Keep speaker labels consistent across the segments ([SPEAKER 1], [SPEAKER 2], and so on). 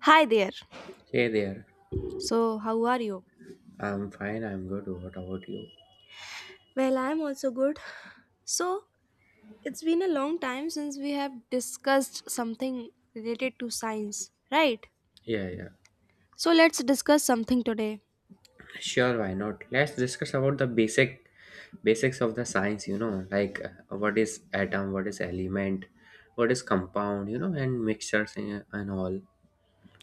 [SPEAKER 1] Hi there.
[SPEAKER 2] Hey there.
[SPEAKER 1] So, how are you?
[SPEAKER 2] I'm fine. I'm good. What about you?
[SPEAKER 1] Well, I'm also good. So, it's been a long time since we have discussed something related to science, right?
[SPEAKER 2] Yeah, yeah.
[SPEAKER 1] So, let's discuss something today.
[SPEAKER 2] Sure, why not? Let's discuss about the basic basics of the science, you know, like what is atom, what is element, what is compound, you know, and mixtures and all,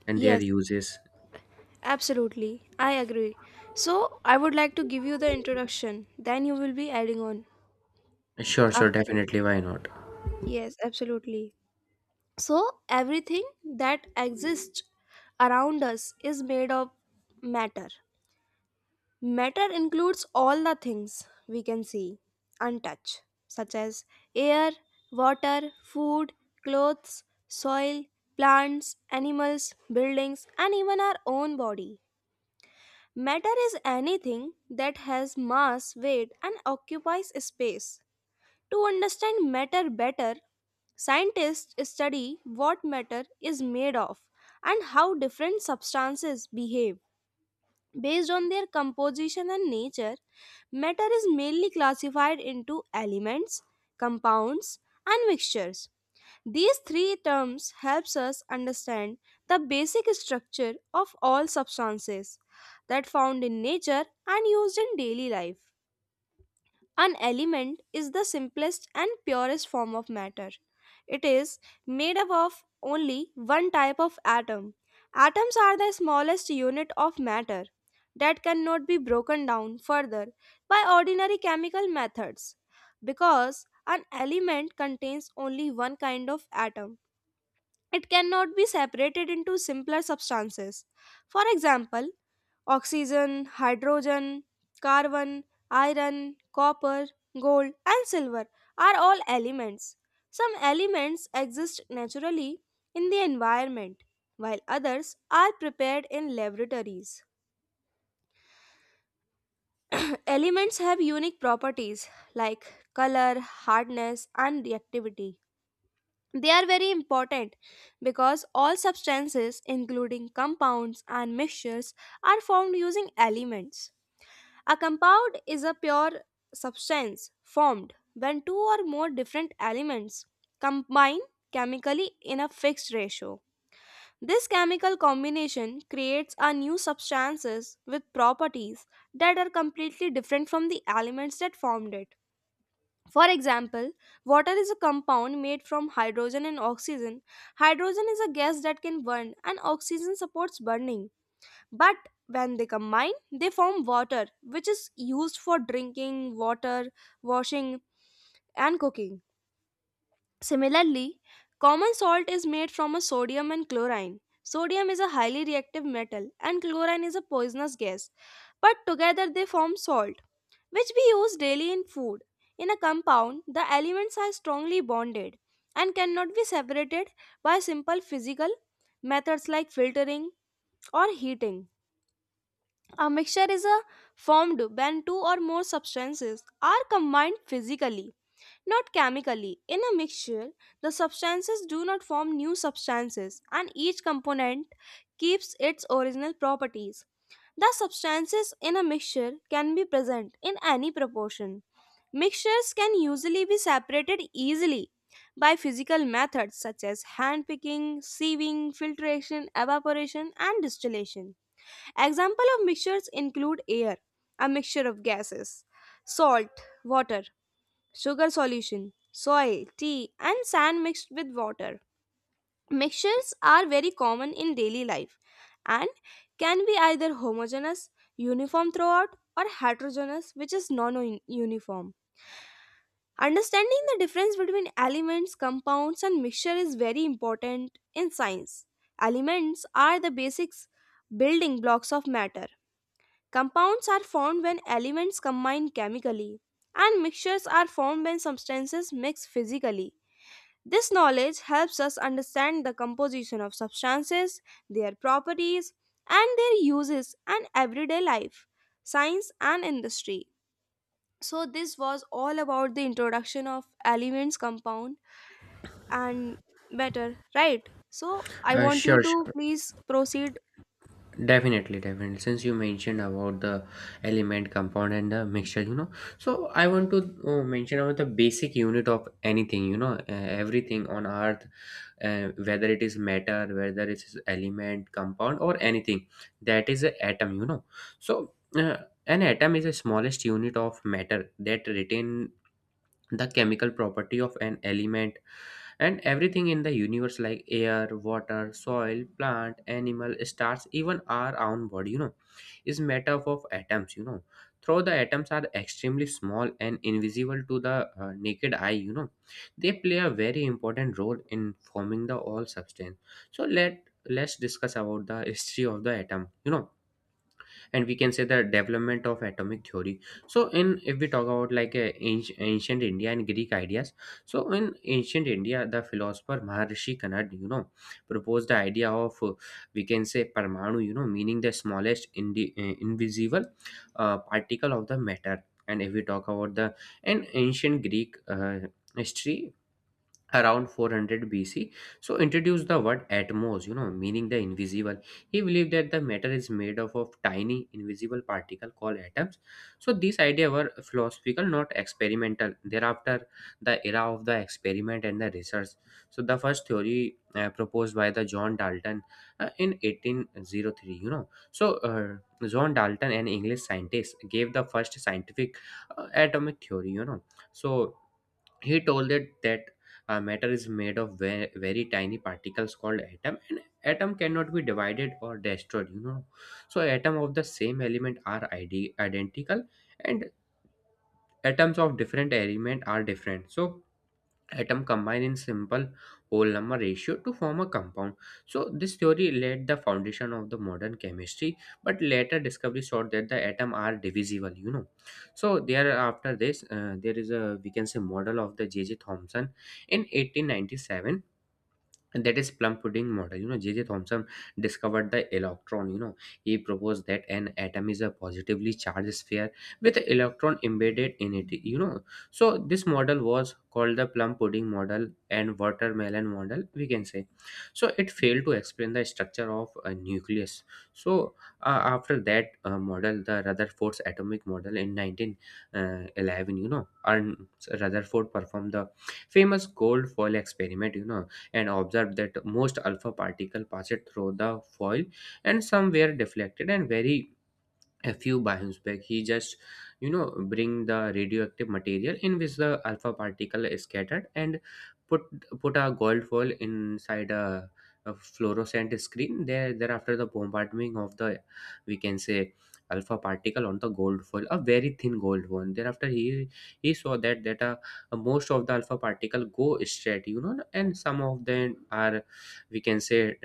[SPEAKER 2] and their
[SPEAKER 1] Yes,
[SPEAKER 2] uses.
[SPEAKER 1] absolutely. I agree. So, I would like to give you the introduction, then you will be adding on.
[SPEAKER 2] Sure, sure,
[SPEAKER 1] After it.
[SPEAKER 2] definitely, why not?
[SPEAKER 1] Yes, absolutely. So, everything that exists around us is made of matter. Matter includes all the things we can see and touch, such as air, water, food, clothes, soil, plants, animals, buildings, and even our own body. Matter is anything that has mass, weight, and occupies space. To understand matter better, scientists study what matter is made of and how different substances behave. Based on their composition and nature, matter is mainly classified into elements, compounds, and mixtures. These three terms helps us understand the basic structure of all substances that found in nature and used in daily life. An element is the simplest and purest form of matter. It is made up of only one type of atom. Atoms are the smallest unit of matter that cannot be broken down further by ordinary chemical methods. Because an element contains only one kind of atom, it cannot be separated into simpler substances. For example, oxygen, hydrogen, carbon, iron, copper, gold, and silver are all elements. Some elements exist naturally in the environment, while others are prepared in laboratories. Elements have unique properties like color, hardness, and reactivity. They are very important because all substances, including compounds and mixtures, are formed using elements. A compound is a pure substance formed when two or more different elements combine chemically in a fixed ratio. This chemical combination creates a new substances with properties that are completely different from the elements that formed it. For example, water is a compound made from hydrogen and oxygen. Hydrogen is a gas that can burn and oxygen supports burning. But when they combine, they form water, which is used for drinking, water, washing, and cooking. Similarly, common salt is made from a sodium and chlorine. Sodium is a highly reactive metal, and chlorine is a poisonous gas, but together they form salt, which we use daily in food. In a compound, the elements are strongly bonded and cannot be separated by simple physical methods like filtering or heating. A mixture is a formed when two or more substances are combined physically, not chemically. In a mixture, the substances do not form new substances and each component keeps its original properties. The substances in a mixture can be present in any proportion. Mixtures can usually be separated easily by physical methods such as hand picking, sieving, filtration, evaporation, and distillation. Example of mixtures include air, a mixture of gases, salt, water, sugar solution, soil, tea, and sand mixed with water. Mixtures are very common in daily life and can be either homogeneous, uniform throughout, or heterogeneous, which is non uniform. Understanding the difference between elements, compounds, and mixture is very important in science. Elements are the basics building blocks of matter. Compounds are formed when elements combine chemically, and mixtures are formed when substances mix physically. This knowledge helps us understand the composition of substances, their properties, and their uses in everyday life, science, and industry. So, this was all about the introduction of elements, compound, and matter, right? So, I
[SPEAKER 2] Uh,
[SPEAKER 1] want you
[SPEAKER 2] sure,
[SPEAKER 1] to
[SPEAKER 2] sure.
[SPEAKER 1] please proceed.
[SPEAKER 2] Definitely, definitely. Since you mentioned about the element, compound, and the mixture, you know, so I want to mention about the basic unit of anything, you know, everything on earth, whether it is matter, whether it is element, compound, or anything, that is an atom, you know. So, an atom is the smallest unit of matter that retain the chemical property of an element, and everything in the universe like air, water, soil, plant, animal, stars, even our own body, you know, is made up of atoms, you know. Though the atoms are extremely small and invisible to the naked eye, you know, they play a very important role in forming the all substance. So let's discuss about the history of the atom, you know, and we can say the development of atomic theory. So in, if we talk about like ancient India and Greek ideas. So in ancient India, the philosopher Maharishi Kanad, you know, proposed the idea of, we can say, parmanu, you know, meaning the smallest invisible particle of the matter. And if we talk about the in ancient Greek history, around 400 BC. So introduced the word atmos, you know, meaning the invisible. He believed that the matter is made up of tiny invisible particle called atoms. So these idea were philosophical, not experimental. Thereafter, the era of the experiment and the research. So the first theory proposed by the John Dalton in 1803, you know. So John Dalton, an English scientist, gave the first scientific atomic theory, you know. So he told it that, matter is made of very, very tiny particles called atom, and atom cannot be divided or destroyed. You know, so atom of the same element are id identical, and atoms of different element are different. So atom combine in simple whole number ratio to form a compound. So this theory laid the foundation of the modern chemistry, but later discovery showed that the atom are divisible, you know. So there after this, there is a, we can say, model of the J J Thomson in 1897, and that is plum pudding model, you know. JJ Thomson discovered the electron, you know. He proposed that an atom is a positively charged sphere with an electron embedded in it, you know. So this model was called the plum pudding model and watermelon model, we can say. So it failed to explain the structure of a nucleus. So after that model, the Rutherford's atomic model in 1911, you know, and Rutherford performed the famous gold foil experiment, you know, and observed that most alpha particle passed through the foil, and some were deflected, and very a few biosphere. He just, you know, bring the radioactive material in which the alpha particle is scattered, and put put a gold foil inside a fluorescent screen there. Thereafter the bombardment of the, we can say, alpha particle on the gold foil, a very thin gold one. Thereafter he saw that that, most of the alpha particle go straight, you know, and some of them are, we can say,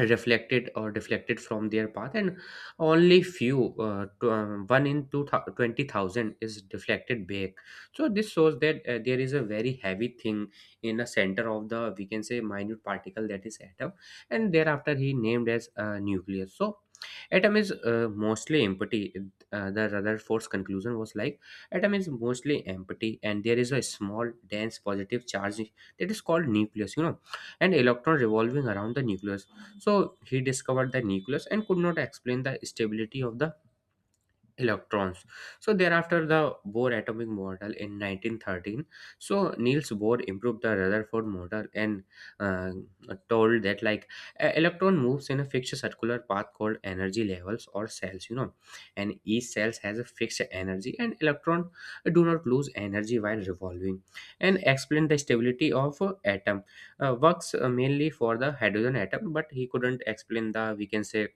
[SPEAKER 2] reflected or deflected from their path. And only few one in 20,000 is deflected back. So this shows that, there is a very heavy thing in the center of the, we can say, minute particle, that is atom. And thereafter he named as nucleus. So atom is mostly empty. Uh, the Rutherford's conclusion was like, atom is mostly empty and there is a small dense positive charge that is called nucleus, you know, and electron revolving around the nucleus. So he discovered the nucleus and could not explain the stability of the electrons. So thereafter, the Bohr atomic model in 1913. So Niels Bohr improved the Rutherford model and, uh, told that like, a electron moves in a fixed circular path called energy levels or cells, you know, and each cells has a fixed energy, and electron do not lose energy while revolving. And explained the stability of atom. Works mainly for the hydrogen atom, but he couldn't explain the, we can say,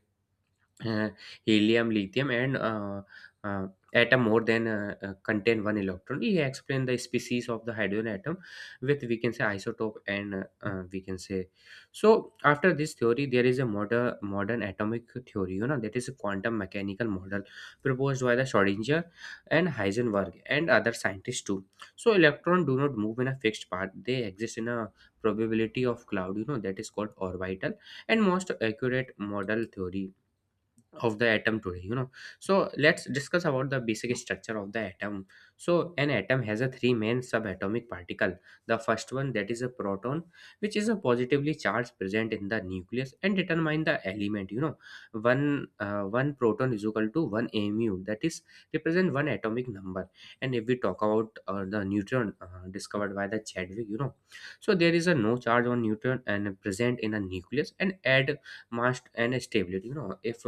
[SPEAKER 2] uh, helium, lithium, and uh, atom more than contain one electron. He explained the species of the hydrogen atom with, we can say, isotope and we can say. So after this theory, there is a modern atomic theory. You know that is a quantum mechanical model proposed by the Schrodinger and Heisenberg and other scientists too. So electron do not move in a fixed path; they exist in a probability of cloud. You know that is called orbital, and most accurate model theory of the atom today, you know. So let's discuss about the basic structure of the atom. So an atom has a three main subatomic particle. The first one, that is a proton, which is a positively charged, present in the nucleus and determine the element, you know. One proton is equal to one mu, that is represent one atomic number. And if we talk about the neutron, discovered by the Chadwick, you know. So there is a no charge on neutron and present in a nucleus and add mass and stability, you know. If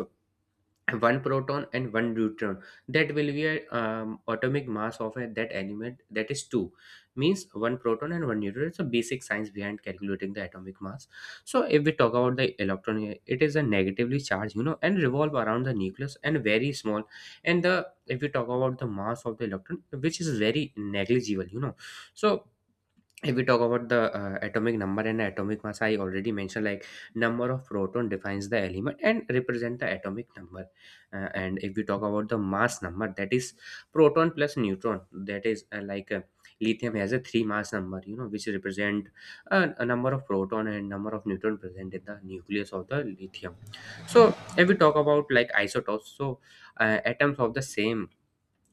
[SPEAKER 2] one proton and one neutron, that will be a atomic mass of a, that element, that is two. Means one proton and one neutron, it's a basic science behind calculating the atomic mass. So if we talk about the electron here, it is a negatively charged, you know, and revolve around the nucleus, and very small. And the, if we talk about the mass of the electron, which is very negligible, you know. So if we talk about the atomic number and atomic mass, I already mentioned like, number of proton defines the element and represent the atomic number. And if we talk about the mass number, that is proton plus neutron. That is like, lithium has a three mass number, you know, which represent a, a number of proton and number of neutron present in the nucleus of the lithium. So if we talk about like isotopes, so atoms of the same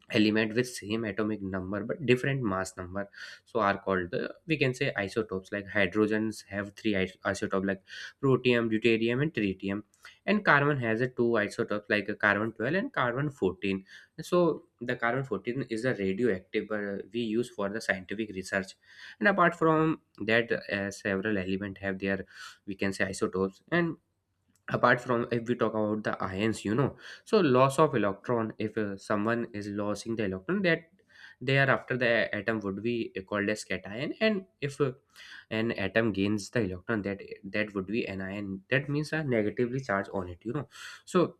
[SPEAKER 2] element with same atomic number but different mass number, so are called the, we can say, isotopes, like hydrogens have three isotope, like protium, deuterium, and tritium. And carbon has a two isotopes, like a carbon 12 and carbon 14. So the carbon 14 is a radioactive, we use for the scientific research. And apart from that, several element have their, we can say, isotopes. And apart from, if we talk about the ions, you know. So loss of electron, if someone is losing the electron, that there after the atom would be called as cation. And if an atom gains the electron, that that would be anion, that means a negatively charge on it, you know. So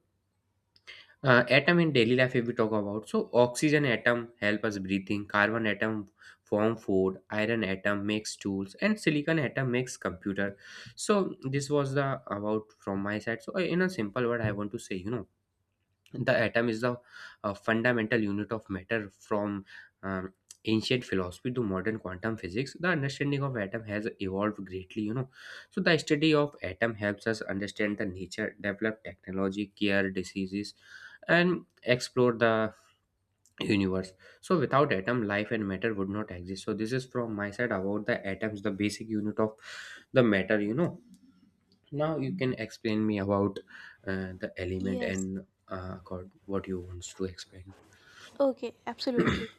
[SPEAKER 2] atom in daily life, if we talk about, so oxygen atom help us breathing, carbon atom form food, iron atom makes tools, and silicon atom makes computer. So this was the about from my side. So in a simple word I want to say, you know, the atom is the fundamental unit of matter. From um, ancient philosophy to modern quantum physics, the understanding of atom has evolved greatly, you know. So the study of atom helps us understand the nature, develop technology, cure diseases, and explore the universe. So without atom, life and matter would not exist. So this is from my side about the atoms, the basic unit of the matter, you know. Now you can explain me about the element
[SPEAKER 1] Yes.
[SPEAKER 2] and accord what you want to explain.
[SPEAKER 1] Okay, absolutely.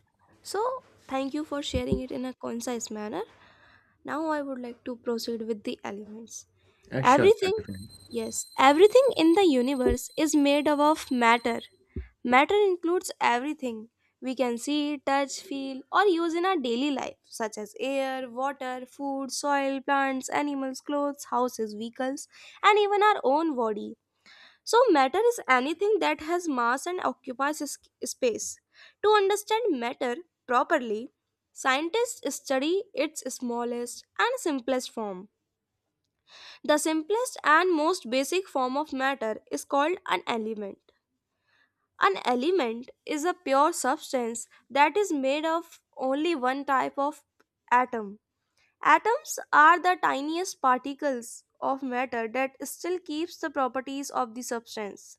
[SPEAKER 1] So, thank you for sharing it in a concise manner. Now, I would like to proceed with the elements.
[SPEAKER 2] Sure, sure,
[SPEAKER 1] Everything,
[SPEAKER 2] definitely.
[SPEAKER 1] yes, everything in the universe is made up of matter. Matter includes everything we can see, touch, feel, or use in our daily life, such as air, water, food, soil, plants, animals, clothes, houses, vehicles, and even our own body. So, matter is anything that has mass and occupies space. To understand matter properly, scientists study its smallest and simplest form. The simplest and most basic form of matter is called an element. An element is a pure substance that is made of only one type of atom. Atoms are the tiniest particles of matter that still keeps the properties of the substance.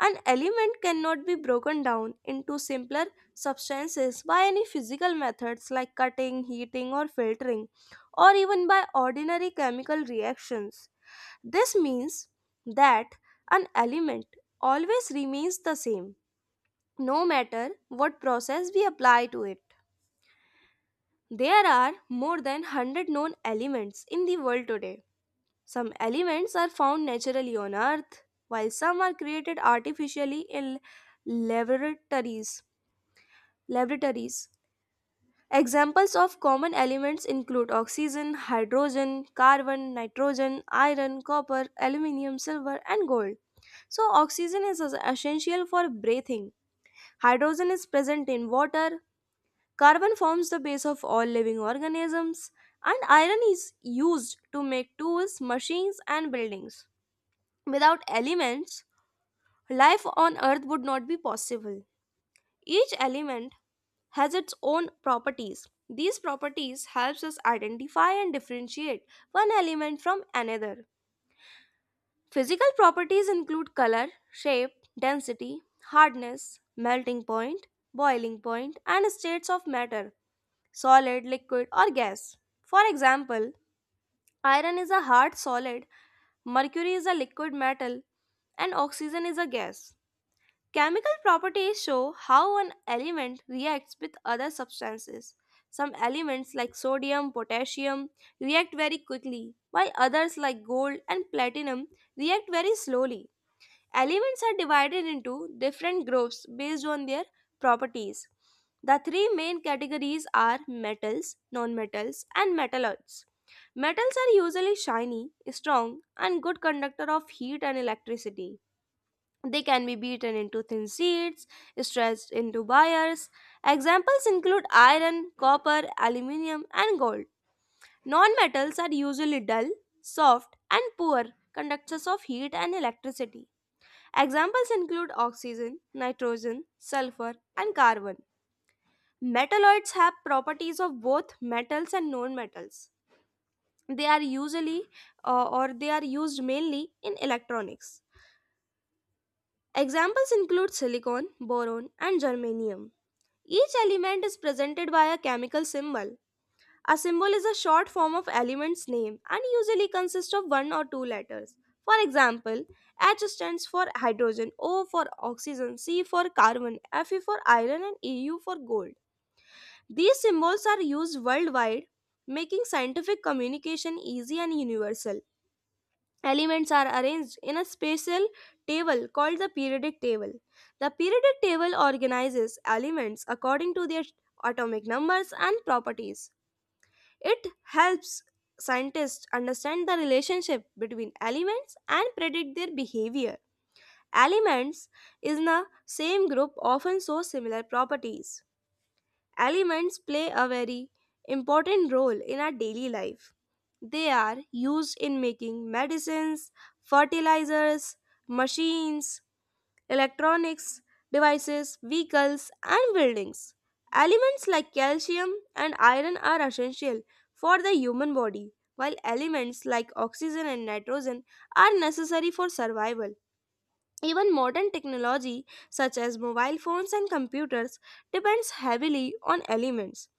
[SPEAKER 1] An element cannot be broken down into simpler substances by any physical methods like cutting, heating, or filtering, or even by ordinary chemical reactions. This means that an element always remains the same, no matter what process we apply to it. There are more than 100 known elements in the world today. Some elements are found naturally on Earth, while some are created artificially in laboratories. Laboratories. Examples of common elements include oxygen, hydrogen, carbon, nitrogen, iron, copper, aluminium, silver, and gold. So, oxygen is essential for breathing. Hydrogen is present in water. Carbon forms the base of all living organisms. And iron is used to make tools, machines, and buildings. Without elements, life on Earth would not be possible. Each element has its own properties. These properties helps us identify and differentiate one element from another. Physical properties include color, shape, density, hardness, melting point, boiling point, and states of matter, solid, liquid, or gas. For example, iron is a hard solid, mercury is a liquid metal, and oxygen is a gas. Chemical properties show how an element reacts with other substances. Some elements like sodium, potassium react very quickly, while others like gold and platinum react very slowly. Elements are divided into different groups based on their properties. The three main categories are metals, nonmetals, and metalloids. Metals are usually shiny, strong, and good conductor of heat and electricity. They can be beaten into thin sheets, stretched into wires. Examples include iron, copper, aluminium, and gold. Non-metals are usually dull, soft, and poor conductors of heat and electricity. Examples include oxygen, nitrogen, sulfur, and carbon. Metalloids have properties of both metals and non-metals. They are usually they are used mainly in electronics. Examples include silicon, boron, and germanium. Each element is presented by a chemical symbol. A symbol is a short form of element's name and usually consists of one or two letters. For example, H stands for hydrogen, O for oxygen, C for carbon, Fe for iron, and Eu for gold. These symbols are used worldwide, making scientific communication easy and universal. Elements are arranged in a spatial table called the periodic table. The periodic table organizes elements according to their atomic numbers and properties. It helps scientists understand the relationship between elements and predict their behavior. Elements in the same group often show similar properties. Elements play a very important role in our daily life. They are used in making medicines, fertilizers, machines, electronics, devices, vehicles, and buildings. Elements like calcium and iron are essential for the human body, while elements like oxygen and nitrogen are necessary for survival. Even modern technology such as mobile phones and computers depends heavily on elements.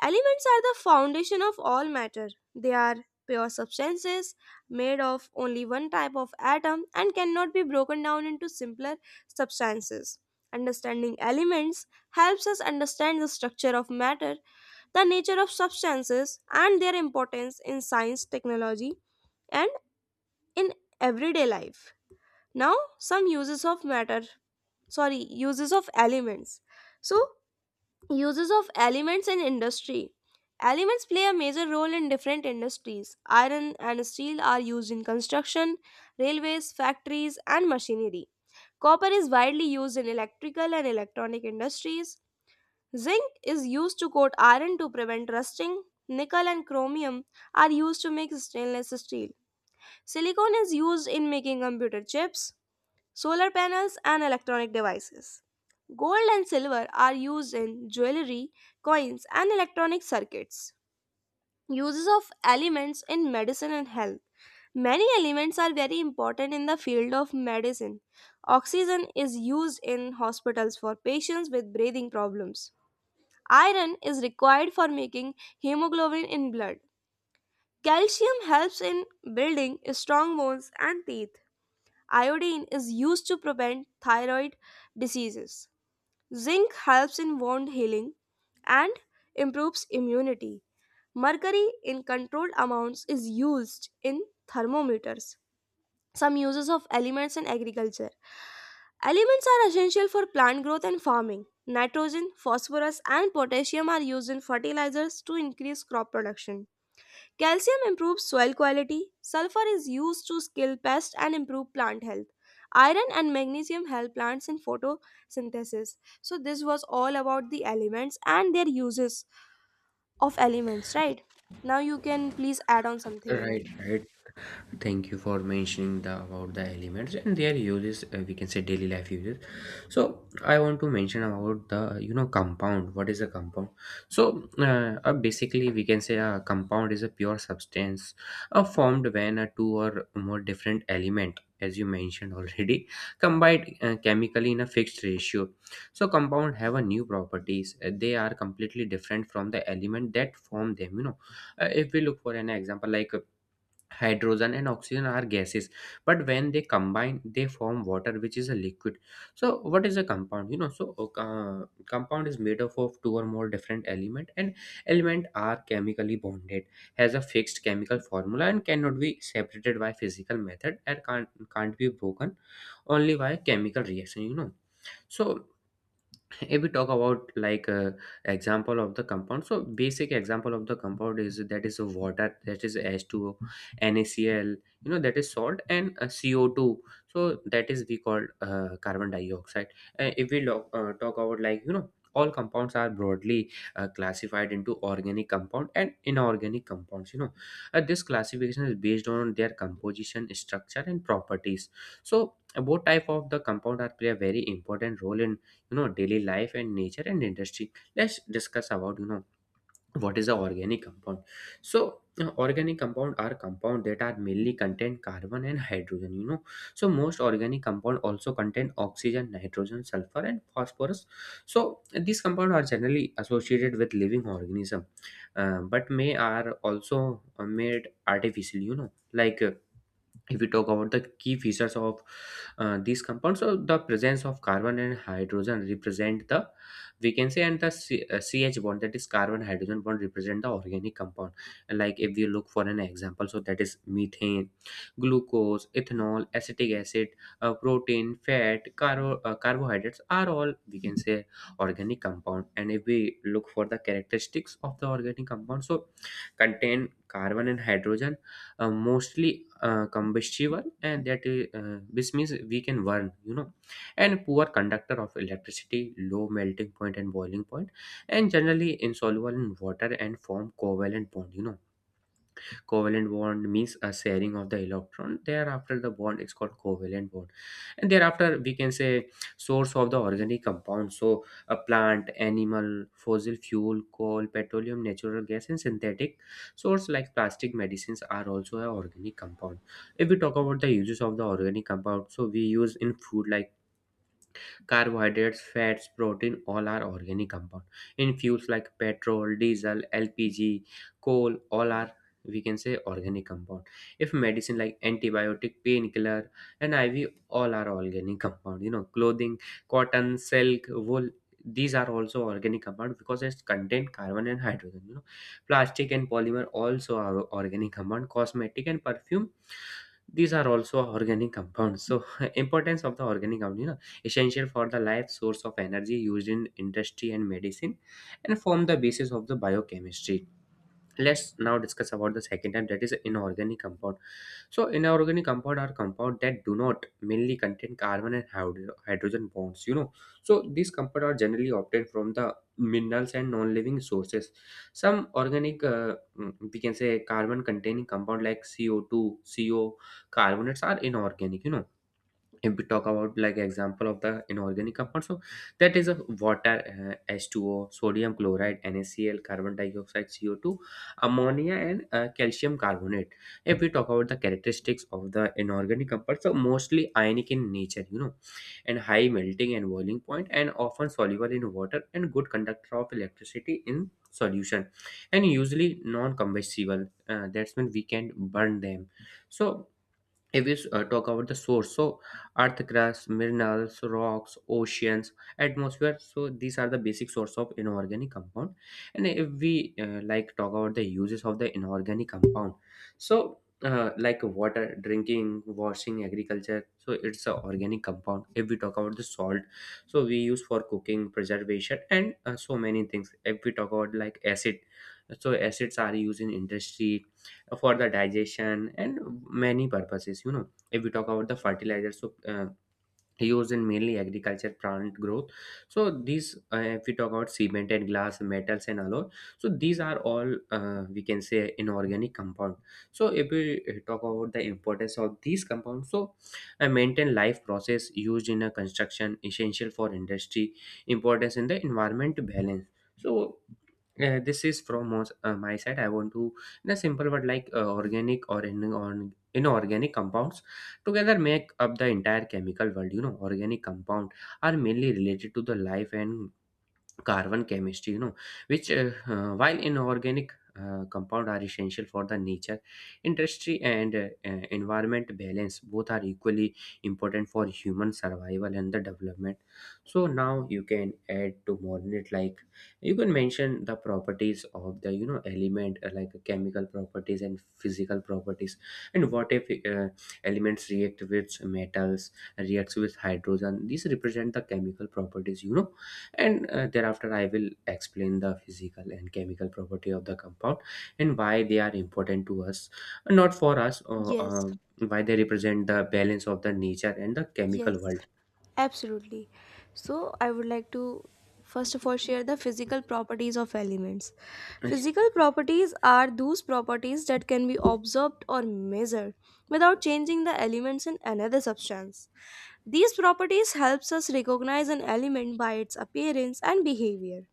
[SPEAKER 1] Elements are the foundation of all matter. They are pure substances made of only one type of atom and cannot be broken down into simpler substances. Understanding elements helps us understand the structure of matter, the nature of substances, and their importance in science, technology, and in everyday life. Now, some uses of matter, sorry, uses of elements. So, uses of elements in industry. Elements play a major role in different industries. Iron and steel are used in construction, railways, factories, and machinery. Copper is widely used in electrical and electronic industries. Zinc is used to coat iron to prevent rusting. Nickel and chromium are used to make stainless steel. Silicon is used in making computer chips, solar panels, and electronic devices. Gold and silver are used in jewelry, coins, and electronic circuits. Uses of elements in medicine and health. Many elements are very important in the field of medicine. Oxygen is used in hospitals for patients with breathing problems. Iron is required for making hemoglobin in blood. Calcium helps in building strong bones and teeth. Iodine is used to prevent thyroid diseases. Zinc helps in wound healing and improves immunity. Mercury in controlled amounts is used in thermometers. Some uses of elements in agriculture. Elements are essential for plant growth and farming. Nitrogen, phosphorus, and potassium are used in fertilizers to increase crop production. Calcium improves soil quality, sulfur is used to kill pests and improve plant health. Iron and magnesium help plants in photosynthesis. So, this was all about the elements and their uses of elements, right? Now, you can please add on something in
[SPEAKER 2] right
[SPEAKER 1] it.
[SPEAKER 2] right thank you for mentioning the about the elements and their uses, we can say daily life uses. So I want to mention about the compound. What is a compound? So basically we can say a compound is a pure substance formed when two or more different element, as you mentioned already, combined chemically in a fixed ratio. So compound have a new properties. They are completely different from the element that form them, you know. If we look for an example, like hydrogen and oxygen are gases, but when they combine they form water, which is a liquid. So what is a compound, you know? So compound is made up of two or more different element, and element are chemically bonded, has a fixed chemical formula and cannot be separated by physical method, and can't be broken only by chemical reaction, you know. So if we talk about like example of the compound, so basic example of the compound is that is a water, that is H2O, nacl, you know, that is salt, and CO2, so that is we call carbon dioxide. Uh, if we talk about like, you know, all compounds are broadly classified into organic compound and inorganic compounds, you know. This classification is based on their composition, structure and properties. So both type of the compound are play a very important role in, you know, daily life and nature and industry. Let's discuss about, you know, what is the organic compound. So you know, organic compound are compound that are mainly contain carbon and hydrogen, you know. So most organic compound also contain oxygen, nitrogen, sulfur and phosphorus. So these compound are generally associated with living organism. But may are also made artificially, you know. Like if we talk about the key features of these compounds, so the presence of carbon and hydrogen represent the, we can say, and the ch bond, that is carbon hydrogen bond, represent the organic compound. Like if we look for an example, so that is methane, glucose, ethanol, acetic acid, protein, fat, carbohydrates are all, we can say, organic compound. And if we look for the characteristics of the organic compound, so contain carbon and hydrogen, mostly combustible, and that this means we can burn, you know, and poor conductor of electricity, low melting point and boiling point, and generally insoluble in water, and form covalent bond, you know. Covalent bond means a sharing of the electron, thereafter the bond is called covalent bond. And thereafter we can say source of the organic compound, so a plant, animal, fossil fuel, coal, petroleum, natural gas, and synthetic source like plastic, medicines are also an organic compound. If we talk about the uses of the organic compound, so we use in food like carbohydrates, fats, protein, all are organic compound. In fuels like petrol, diesel, LPG, coal, all are, we can say, organic compound. If medicine like antibiotic, painkiller, and IV, all are organic compound. You know, clothing, cotton, silk, wool, these are also organic compound because it's contain carbon and hydrogen. You know, plastic and polymer also are organic compound. Cosmetic and perfume, these are also organic compounds. So importance of the organic compound, you know, essential for the life, source of energy, used in industry and medicine, and form the basis of the biochemistry. Let's now discuss about the second type, that is inorganic compound. So inorganic compound are compound that do not mainly contain carbon and hydrogen bonds, you know. So these compound are generally obtained from the minerals and non-living sources. Some organic, we can say, carbon containing compound like CO2, co, carbonates are inorganic, you know. If we talk about like example of the inorganic compound, so that is a water, H2O, sodium chloride, nacl, carbon dioxide, CO2, ammonia, and calcium carbonate. If we talk about the characteristics of the inorganic compounds, so mostly ionic in nature, you know, and high melting and boiling point, and often soluble in water, and good conductor of electricity in solution, and usually non-combustible, that's when we can burn them. So if we talk about the source, so earth crust, minerals, rocks, oceans, atmosphere, so these are the basic source of inorganic compound. And if we like talk about the uses of the inorganic compound, so like water, drinking, washing, agriculture, so it's a organic compound. If we talk about the salt, so we use for cooking, preservation, and so many things. If we talk about like acid, so acids are used in industry for the digestion and many purposes, you know. If we talk about the fertilizer, so used in mainly agriculture, plant growth. So these if we talk about cement and glass, metals and alloy, so these are all, we can say, inorganic compound. So if we talk about the importance of these compounds, so maintain life process, used in a construction, essential for industry, importance in the environment balance. So this is from my side. I want to, in a simple word, like organic or inorganic compounds together make up the entire chemical world, you know. Organic compound are mainly related to the life and carbon chemistry, you know, which while inorganic compound are essential for the nature, industry, and environment balance. Both are equally important for human survival and the development. So now you can add to modern it, like you can mention the properties of the, you know, element, like chemical properties and physical properties. And what if uh, elements react with metals, reacts with hydrogen, these represent the chemical properties, you know. And thereafter I will explain the physical and chemical property of the compound and why they are important to us. Not for us,
[SPEAKER 1] Yes,
[SPEAKER 2] why they represent the balance of the nature and the
[SPEAKER 1] yes.
[SPEAKER 2] chemical world.
[SPEAKER 1] Absolutely. So, I would like to first of all share the physical properties of elements. Physical properties are those properties that can be observed or measured without changing the elements in another substance. These properties helps us recognize an element by its appearance and behavior.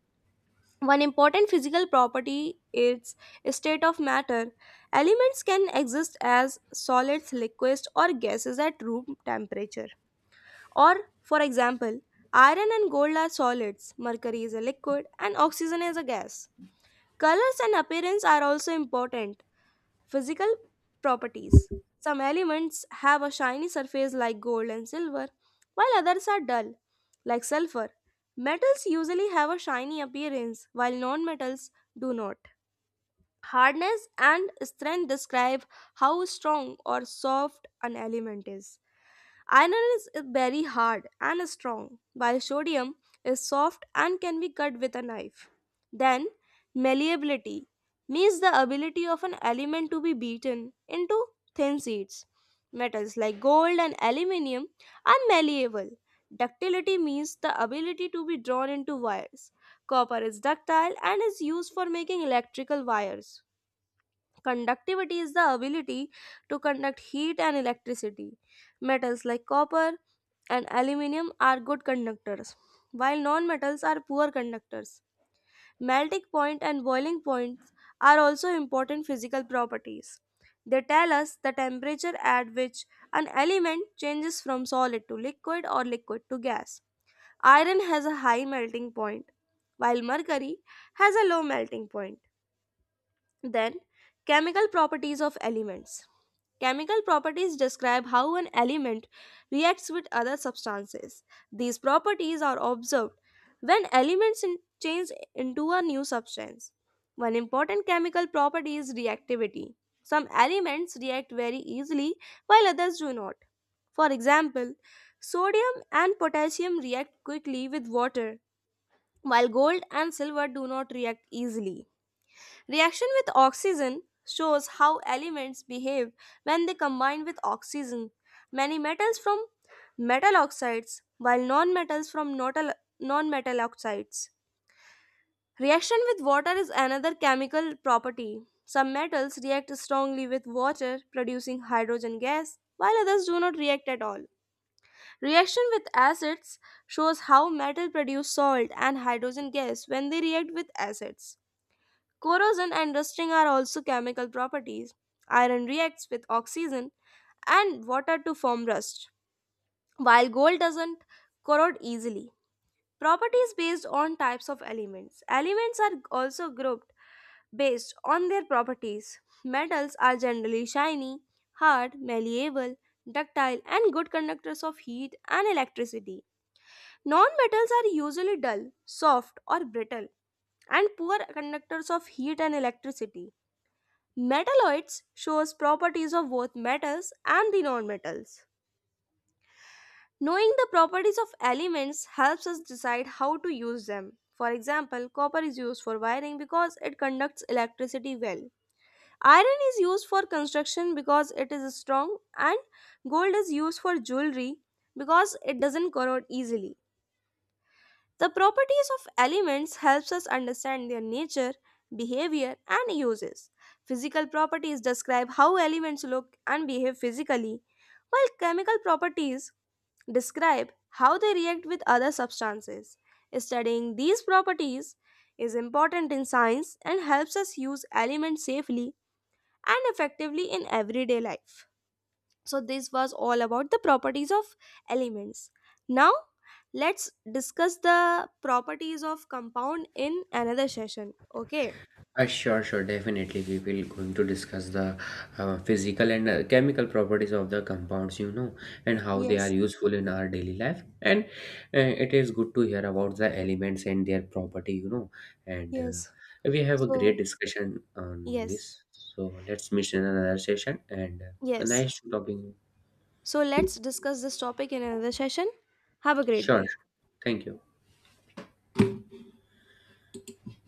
[SPEAKER 1] One important physical property is state of matter. Elements can exist as solids, liquids or gases at room temperature or, for example, iron and gold are solids, mercury is a liquid, and oxygen is a gas. Colors and appearance are also important physical properties. Some elements have a shiny surface like gold and silver, while others are dull, like sulfur. Metals usually have a shiny appearance, while non metals do not. Hardness and strength describe how strong or soft an element is. Iron is very hard and strong, while sodium is soft and can be cut with a knife. Then, malleability means the ability of an element to be beaten into thin sheets. Metals like gold and aluminium are malleable. Ductility means the ability to be drawn into wires. Copper is ductile and is used for making electrical wires. Conductivity is the ability to conduct heat and electricity. Metals like copper and aluminium are good conductors, while nonmetals are poor conductors. Melting point and boiling points are also important physical properties. They tell us the temperature at which an element changes from solid to liquid or liquid to gas. Iron has a high melting point, while mercury has a low melting point. Then, chemical properties of elements. Chemical properties describe how an element reacts with other substances. These properties are observed when elements change into a new substance. One important chemical property is reactivity. Some elements react very easily while others do not. For example, sodium and potassium react quickly with water, while gold and silver do not react easily. Reaction with oxygen shows how elements behave when they combine with oxygen. Many metals from metal oxides, while non metals from non metal oxides. Reaction with water is another chemical property. Some metals react strongly with water, producing hydrogen gas, while others do not react at all. Reaction with acids shows how metal produce salt and hydrogen gas when they react with acids. Corrosion and rusting are also chemical properties. Iron reacts with oxygen and water to form rust, while gold doesn't corrode easily. Properties based on types of elements. Elements are also grouped based on their properties. Metals are generally shiny, hard, malleable, ductile, and good conductors of heat and electricity. Non metals are usually dull, soft, or brittle, and poor conductors of heat and electricity. Metalloids shows properties of both metals and the nonmetals. Knowing the properties of elements helps us decide how to use them. For example, copper is used for wiring because it conducts electricity well. Iron is used for construction because it is strong and gold is used for jewelry because it doesn't corrode easily. The properties of elements helps us understand their nature, behavior and uses. Physical properties describe how elements look and behave physically, while chemical properties describe how they react with other substances. Studying these properties is important in science and helps us use elements safely and effectively in everyday life. So, this was all about the properties of elements. Now, let's discuss the properties of compound in another session. Okay.
[SPEAKER 2] Sure, sure, definitely. We will going to discuss the physical and chemical properties of the compounds, you know, and how they are
[SPEAKER 1] Yes,
[SPEAKER 2] useful in our daily life. And it is good to hear about the elements and their property, you know. And
[SPEAKER 1] yes.
[SPEAKER 2] we have a great
[SPEAKER 1] So,
[SPEAKER 2] discussion on
[SPEAKER 1] yes,
[SPEAKER 2] this. So let's meet in another session. And
[SPEAKER 1] yes.
[SPEAKER 2] nice to talking.
[SPEAKER 1] So, let's discuss this topic in another session. Have a great
[SPEAKER 2] Sure,
[SPEAKER 1] day.
[SPEAKER 2] sure, thank you.